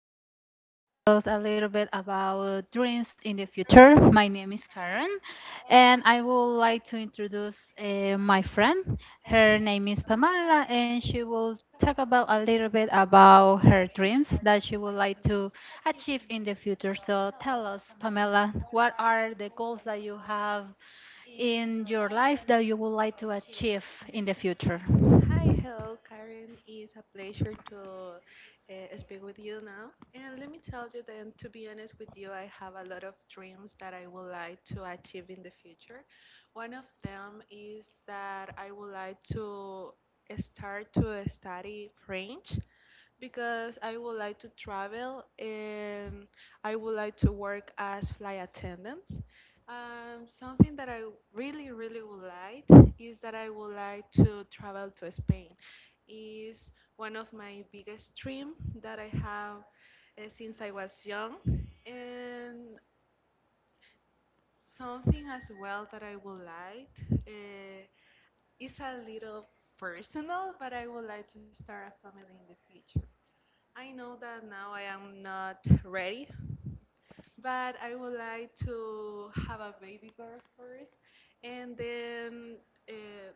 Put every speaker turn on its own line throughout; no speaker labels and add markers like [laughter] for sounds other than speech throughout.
today we are going to discuss a little bit about dreams in the future. My name is Karen, and I would like to introduce my friend. Her name is Pamela, and she will talk about a little bit about her dreams that she would like to achieve in the future. So tell us, Pamela, what are the goals that you have in your life that you would like to achieve in the future?
Hi, hello, Karen. It's a pleasure to speak with you now. And let me tell you that, to be honest with you, I have a lot of dreams that I would like to achieve in the future. One of them is that I would like to start to study French because I would like to travel and I would like to work as flight attendant. Something that I really, really would like is that I would like to travel to Spain. Is one of my biggest dream that I have since I was young, and something as well that I would like is a little personal, but I would like to start a family in the future. I know that now I am not ready, but I would like to have a baby girl first, and then uh,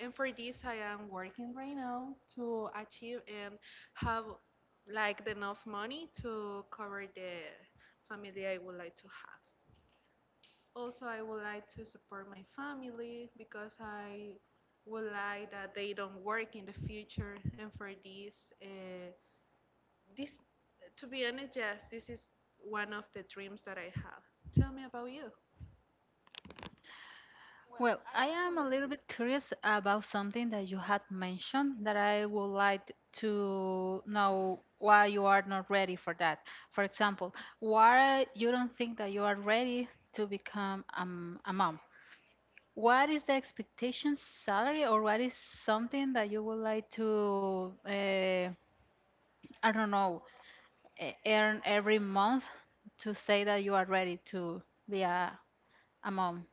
and for this I am working right now to achieve and have like enough money to cover the family I would like to have. Also, I would like to support my family because I would like that they don't work in the future, and for this. This, to be honest, yes, this is one of the dreams that I have. Tell me about you.
Well, I am a little bit curious about something that you had mentioned that I would like to know why you are not ready for that. For example, why you don't think that you are ready to become a mom. What is the expectation salary, or what is something that you would like to, I don't know, earn every month to say that you are ready to be a mom?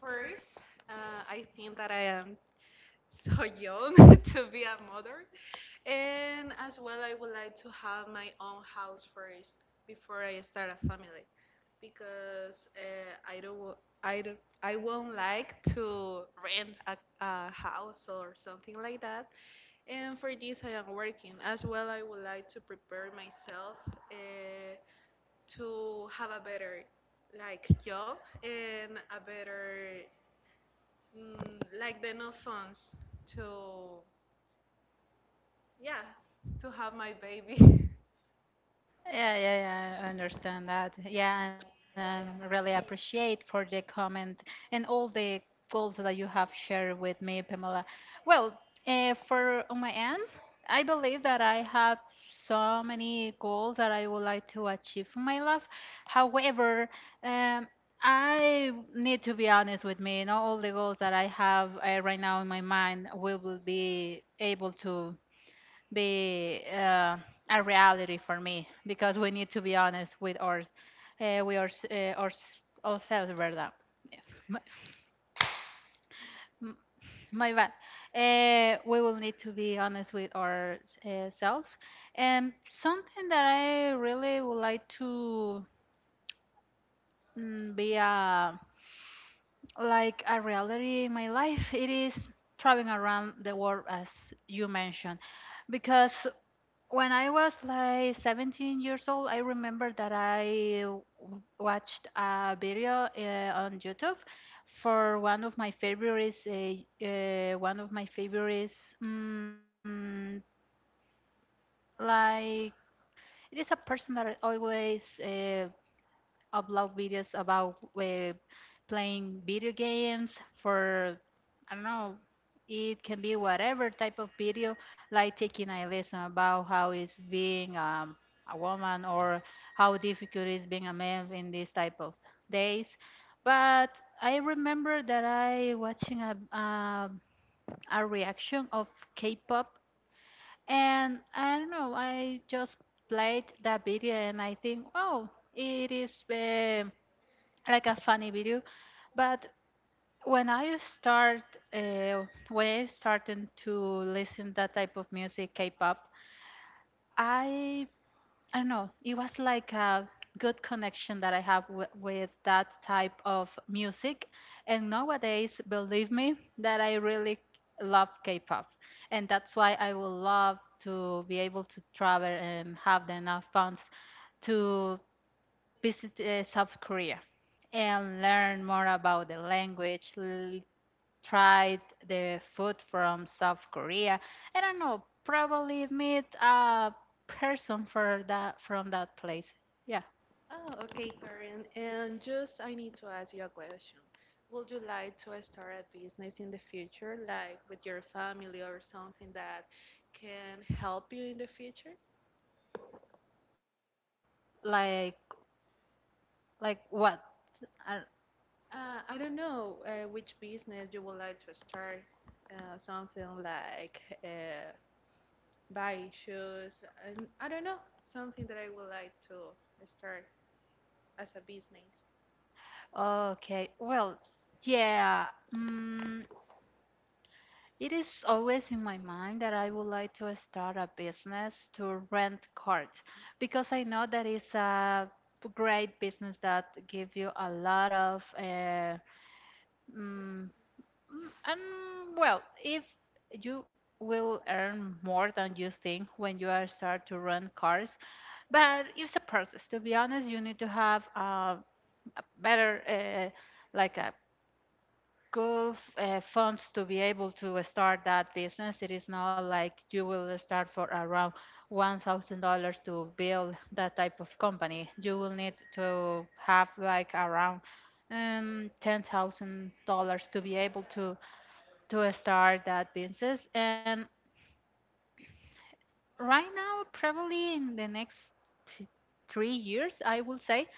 First, I think that I am so young [laughs] to be a mother, and as well, I would like to have my own house first before I start a family, because I don't, I won't like to rent a house or something like that. And for this, I am working as well. I would like to prepare myself. Uh, to have a better like job and a better like the no funds to yeah to have my baby. [laughs]
Yeah, yeah, yeah, I understand that. Yeah, and I really appreciate for the comment and all the goals that you have shared with me, Pamela. Well, for on my end, I believe that I have so many goals that I would like to achieve in my life. However, um, I need to be honest with me. Not all the goals that I have right now in my mind, we will be able to be a reality for me because we need to be honest with our we are our, ourselves verdad. Yeah. my, m- my bad. We will need to be honest with our selves, and something that I really would like to be a like a reality in my life, it is traveling around the world, as you mentioned. Because when I was like 17 years old, I remember that watched a video on YouTube for one of my favorites, one of my favorites, like it is a person that I always upload videos about playing video games for I don't know. It can be whatever type of video, like taking a lesson about how it's being a woman or how difficult it's being a man in this type of days. But I remember that I watching a reaction of K-pop, and I don't know. I just played that video, and I think, oh, it is like a funny video. But when I start uh, when I started to listen that type of music, K-pop, i I don't know, it was like a good connection that I have with that type of music. And nowadays, believe me that I really love K-pop, and that's why I would love to be able to travel and have enough funds to visit South Korea and learn more about the language, try the food from South Korea. I don't know, probably meet a person for that from that place. Yeah,
Oh, okay, Karen. And just I need to ask you a question. Would you like to start a business in the future, like with your family or something that can help you in the future?
like like what?
I don't know which business you would like to start. Something like buy shoes and I don't know, something that I would like to start as a business.
Okay, well, yeah. Mm, It is always in my mind that I would like to start a business to rent cars because I know that it's a great business that give you a lot of mm, mm, and well, if you will earn more than you think when you are start to rent cars. But it's a process. To be honest, you need to have a better like a funds to be able to start that business. It is not like you will start for around $1,000 to build that type of company. You will need to have like around $10,000 to be able to start that business. And right now, probably in the next t- 3 years, I will say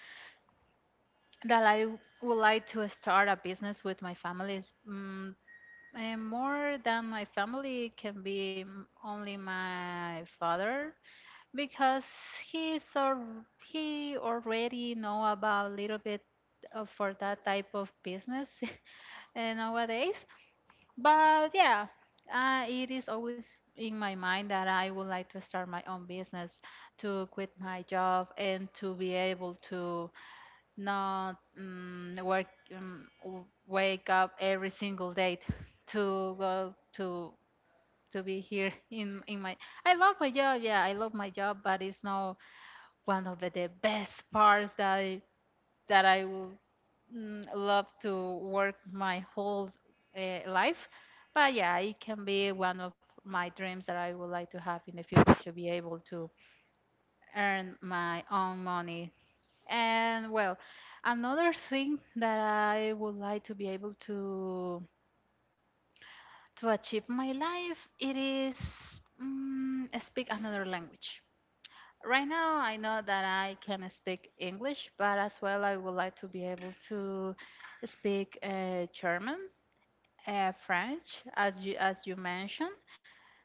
that would like to start a business with my families. And more than my family can be only my father, because he's or he already know about a little bit of, for that type of business [laughs] nowadays. But yeah, it is always in my mind that I would like to start my own business, to quit my job, and to be able to not work, wake up every single day to go to be here [laughs] in my, I love my job. Yeah, I love my job, but it's not one of the best parts that that I will love to work my whole life. But yeah, it can be one of my dreams that I would like to have in the future to be able to earn my own money. And well, another thing that I would like to be able to achieve my life, it is speak another language. Right now, I know that I can speak English, but as well, I would like to be able to speak German, French, as you mentioned,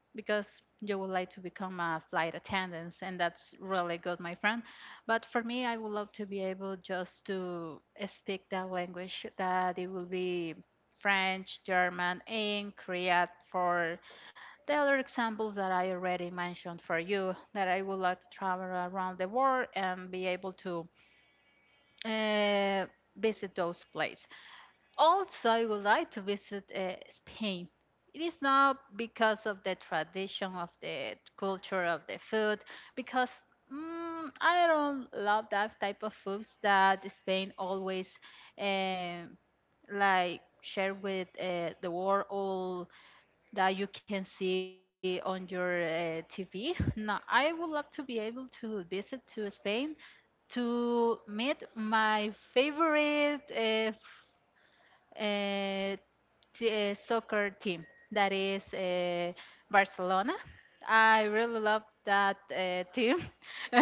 because you would like to become a flight attendant, and that's really good, my friend. But for me, I would love to be able just to speak that language, that it will be French, German, and Korean, for the other examples that I already mentioned for you, that I would like to travel around the world and be able to uh, visit those places. Also, I would like to visit Spain. It is not because of the tradition of the culture of the food, because I don't love that type of foods that Spain always um like share with the world, all that you can see on your TV. Now, I would love to be able to visit to Spain to meet my favorite uh, soccer team, that is Barcelona. I really love that team. [laughs]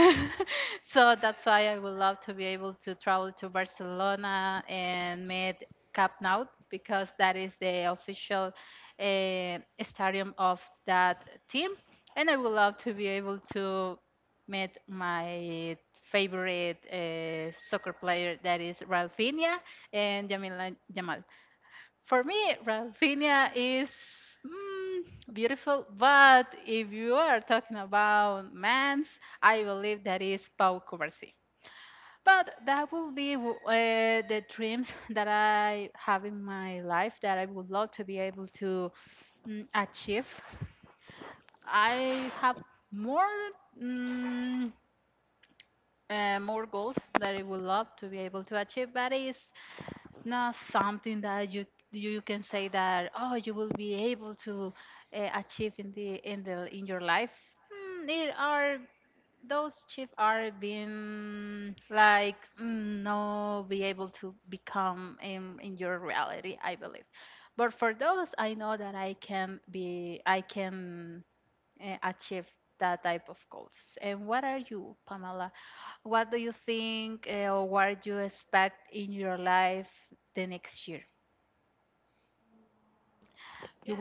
So that's why I would love to be able to travel to Barcelona and meet Camp Nou, because that is the official uh, stadium of that team. And I would love to be able to meet my favorite soccer player, that is Ralfinha and Jamila Jamal. For me, Rafinha is mm, beautiful, but if you are talking about mans, I believe that is Pau Cubarsí. But that will be the dreams that I have in my life.
Yeah,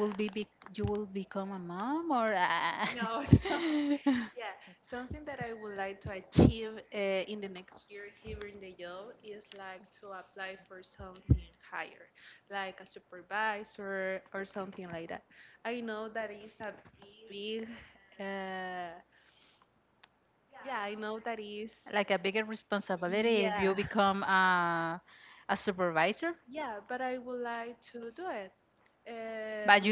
no, [laughs] yeah, something that I would like to achieve in the next year here in the job is like to apply for something higher, like a supervisor or something like that. I know that is a big, uh, yeah, I know that is, yeah, yeah, but I would like to do it. Um,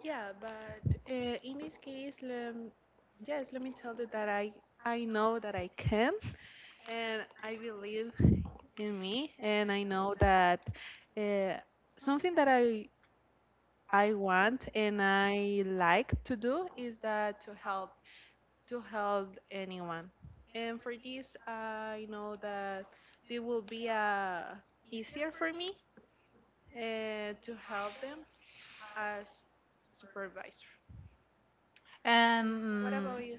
Yeah, but in this case, yes, let me tell you that I know that I can, and I believe in me, and I know that uh, something that I want and I like to do is that to help anyone, and for this I know that it will be easier for me to help them as supervisor. What about you?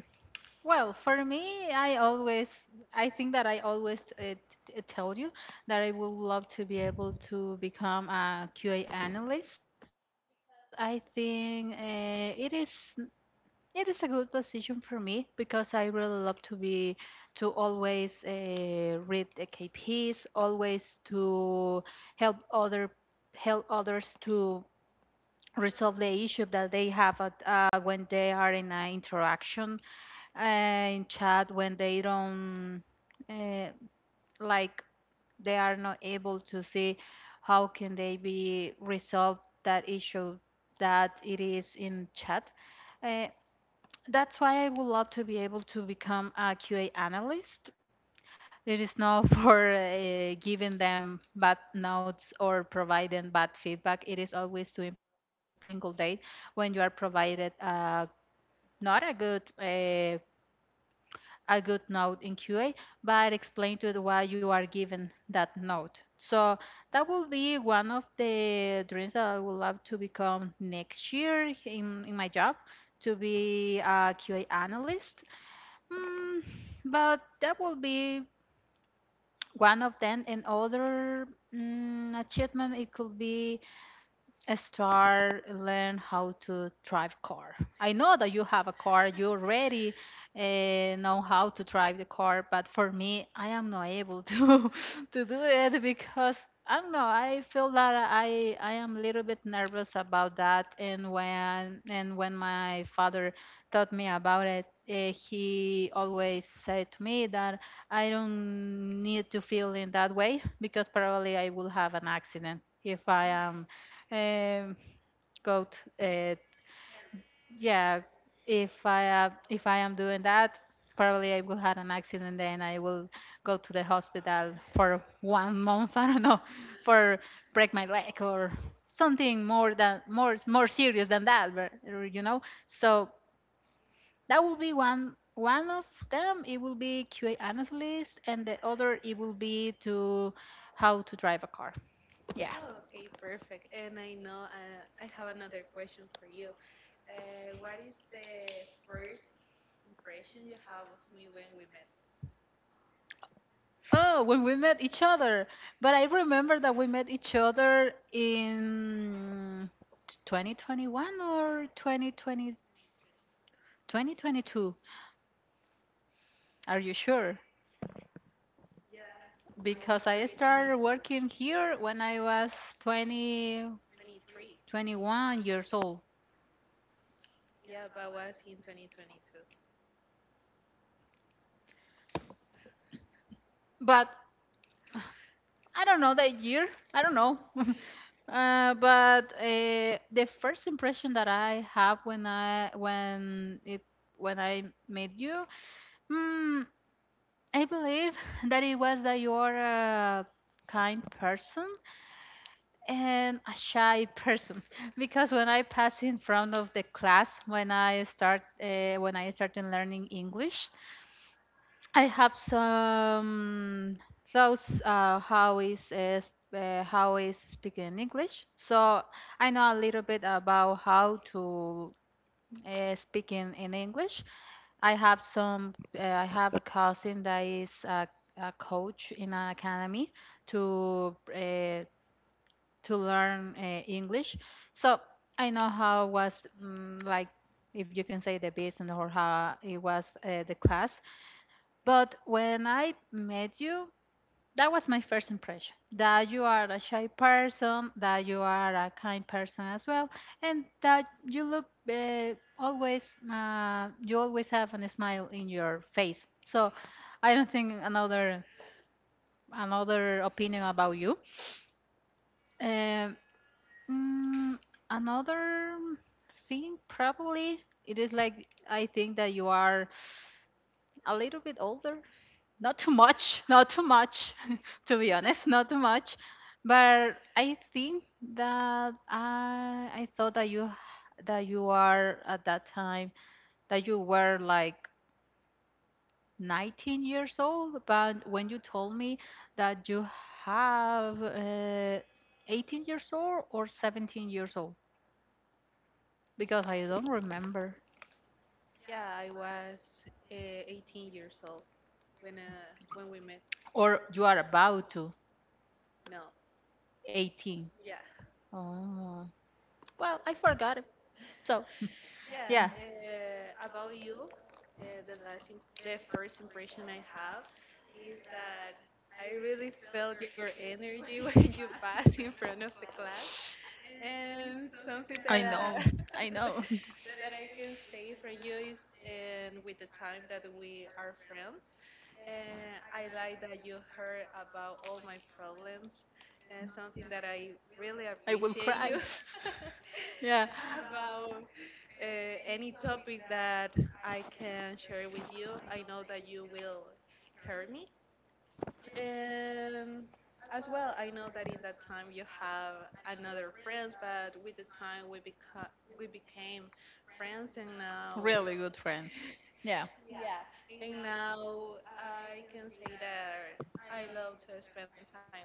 Oh, okay, perfect. And I know I have another question for you. What is the first impression you have of me when we met? Was in 2022. 23. Yeah, but was in 2022. Yeah, I was uh, 18 years old when we met. No. Yeah. Yeah, about you, the first impression I have is that I really felt your energy [laughs] when you passed in front of the class, and something that [laughs] that I can say from you is, and with the time that we are friends, and I like that you heard about all my problems, and something that I really appreciate you about any topic that I can share with you. I know that you will hear me. And as well, I know that in that time you have another friends, but with the time we became friends, and now yeah, and now I can say that I love to spend time with you.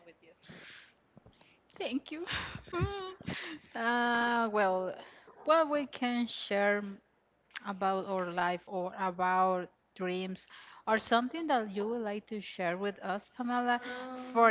Um,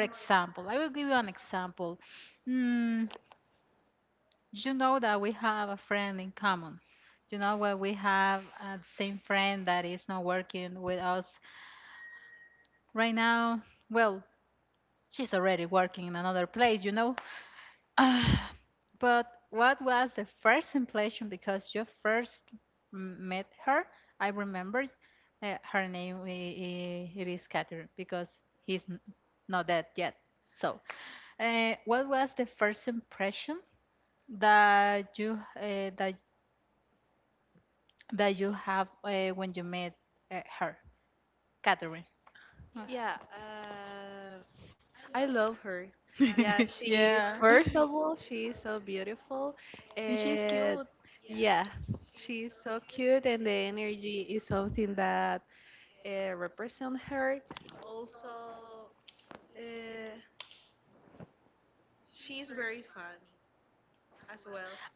yeah. uh, I love her. Yeah, she first of all, she's so beautiful and yeah, she's so cute and the energy is something that represents her. Also, uh, she's very funny as well.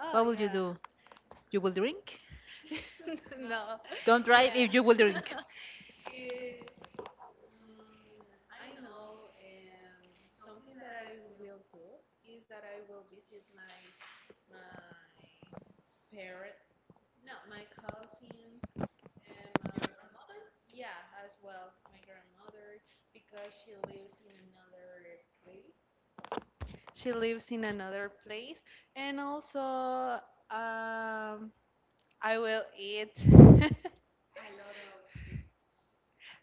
Oh yeah. [laughs] No. Yeah. It, mm, I know something that I will do is that I will visit my my parent No, my cousins and my, Your yeah as well my grandmother because she lives in another place. She lives in another place, and also I will eat. [laughs]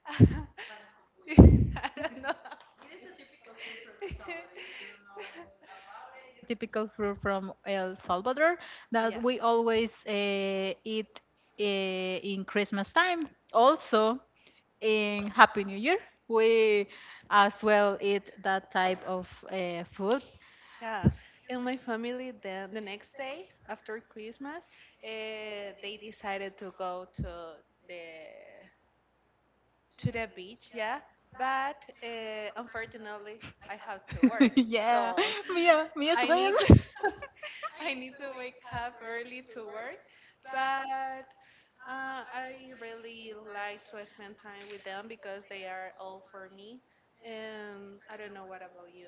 I don't know. [laughs] yeah. Yeah, and my family then the next day after Christmas, they decided to go to the the beach, yeah. But unfortunately, I have to work, so I need [laughs] I need to wake up early to work. But I really like to spend time with them because they are all for me. And I don't know what about you.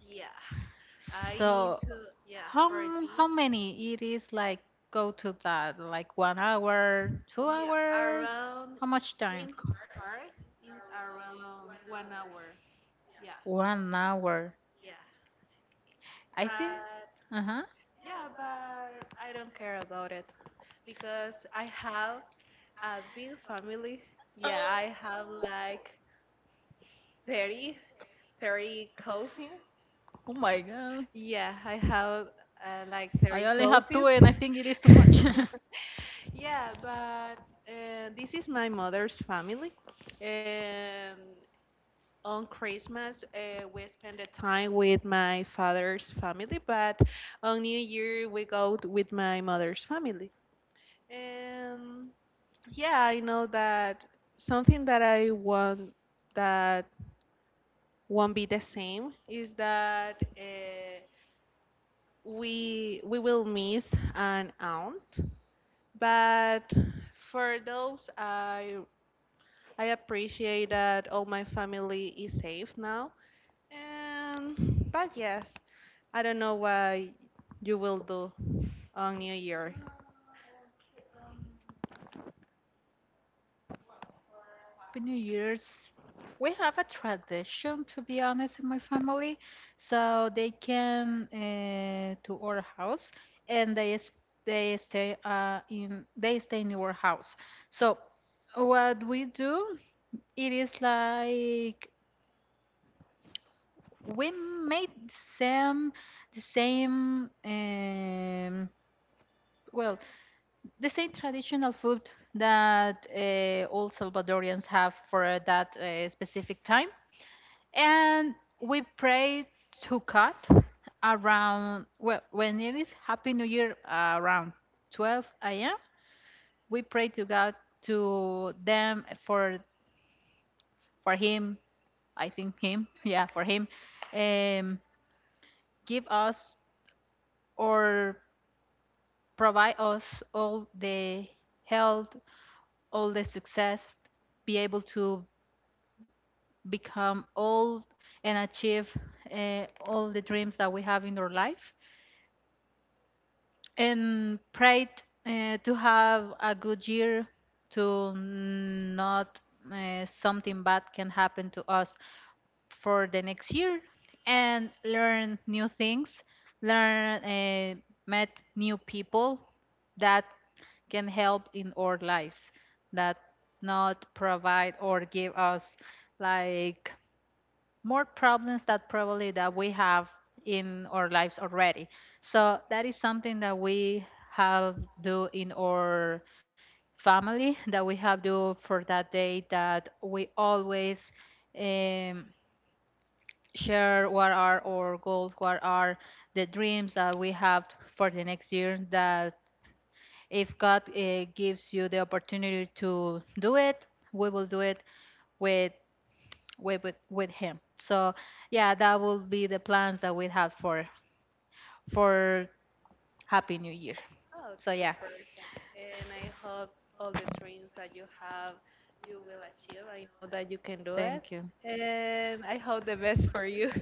Yeah, I need to. Yeah, for this. Yeah, around in car is around 1 hour. Yeah, yeah. But Yeah, but I don't care about it because I have a big family. Yeah, I have like 30, 30 cousins. Yeah, I have like 30 cousins. [laughs] Yeah, but this is my mother's family. And on Christmas, we spend the time with my father's family, but on New Year, we go t- with my mother's family. And yeah, I know that something that I want that won't be the same is that we will miss an aunt, but for those I appreciate that all my family is safe now. And but yes, I don't know what you will do on New Year. Okay, perfect. And I hope all the dreams that you have, you will achieve. I know that you can do it. And I hope the best for you. [laughs]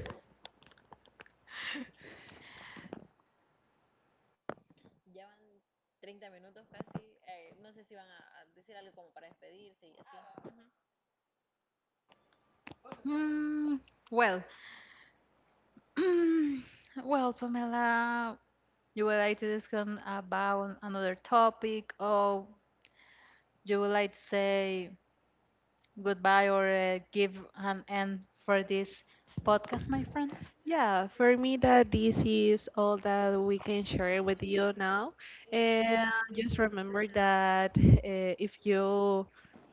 Yeah, for me, that this is all that we can share with you now. And just remember that if you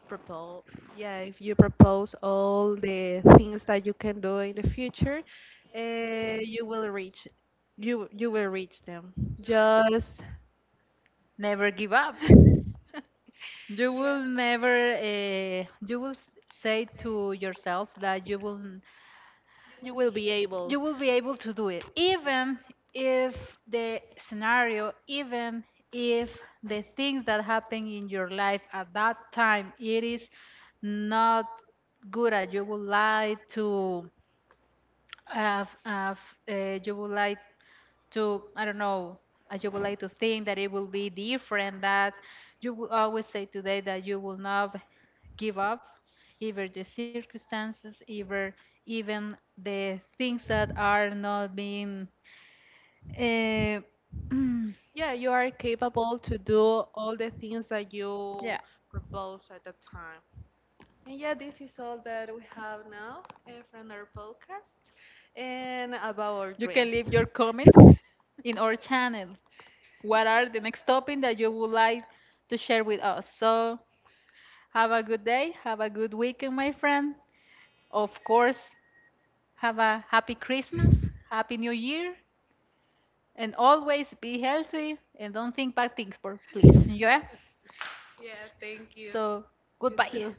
propose, yeah, if you propose all the things that you can do in the future, you will reach, you will reach them. Just [laughs] Yeah, you will be able. Yeah, you are capable to do all the things that you propose at the time. And yeah, this is all that we have now from our podcast and about our dreams. Yeah, thank you. You too.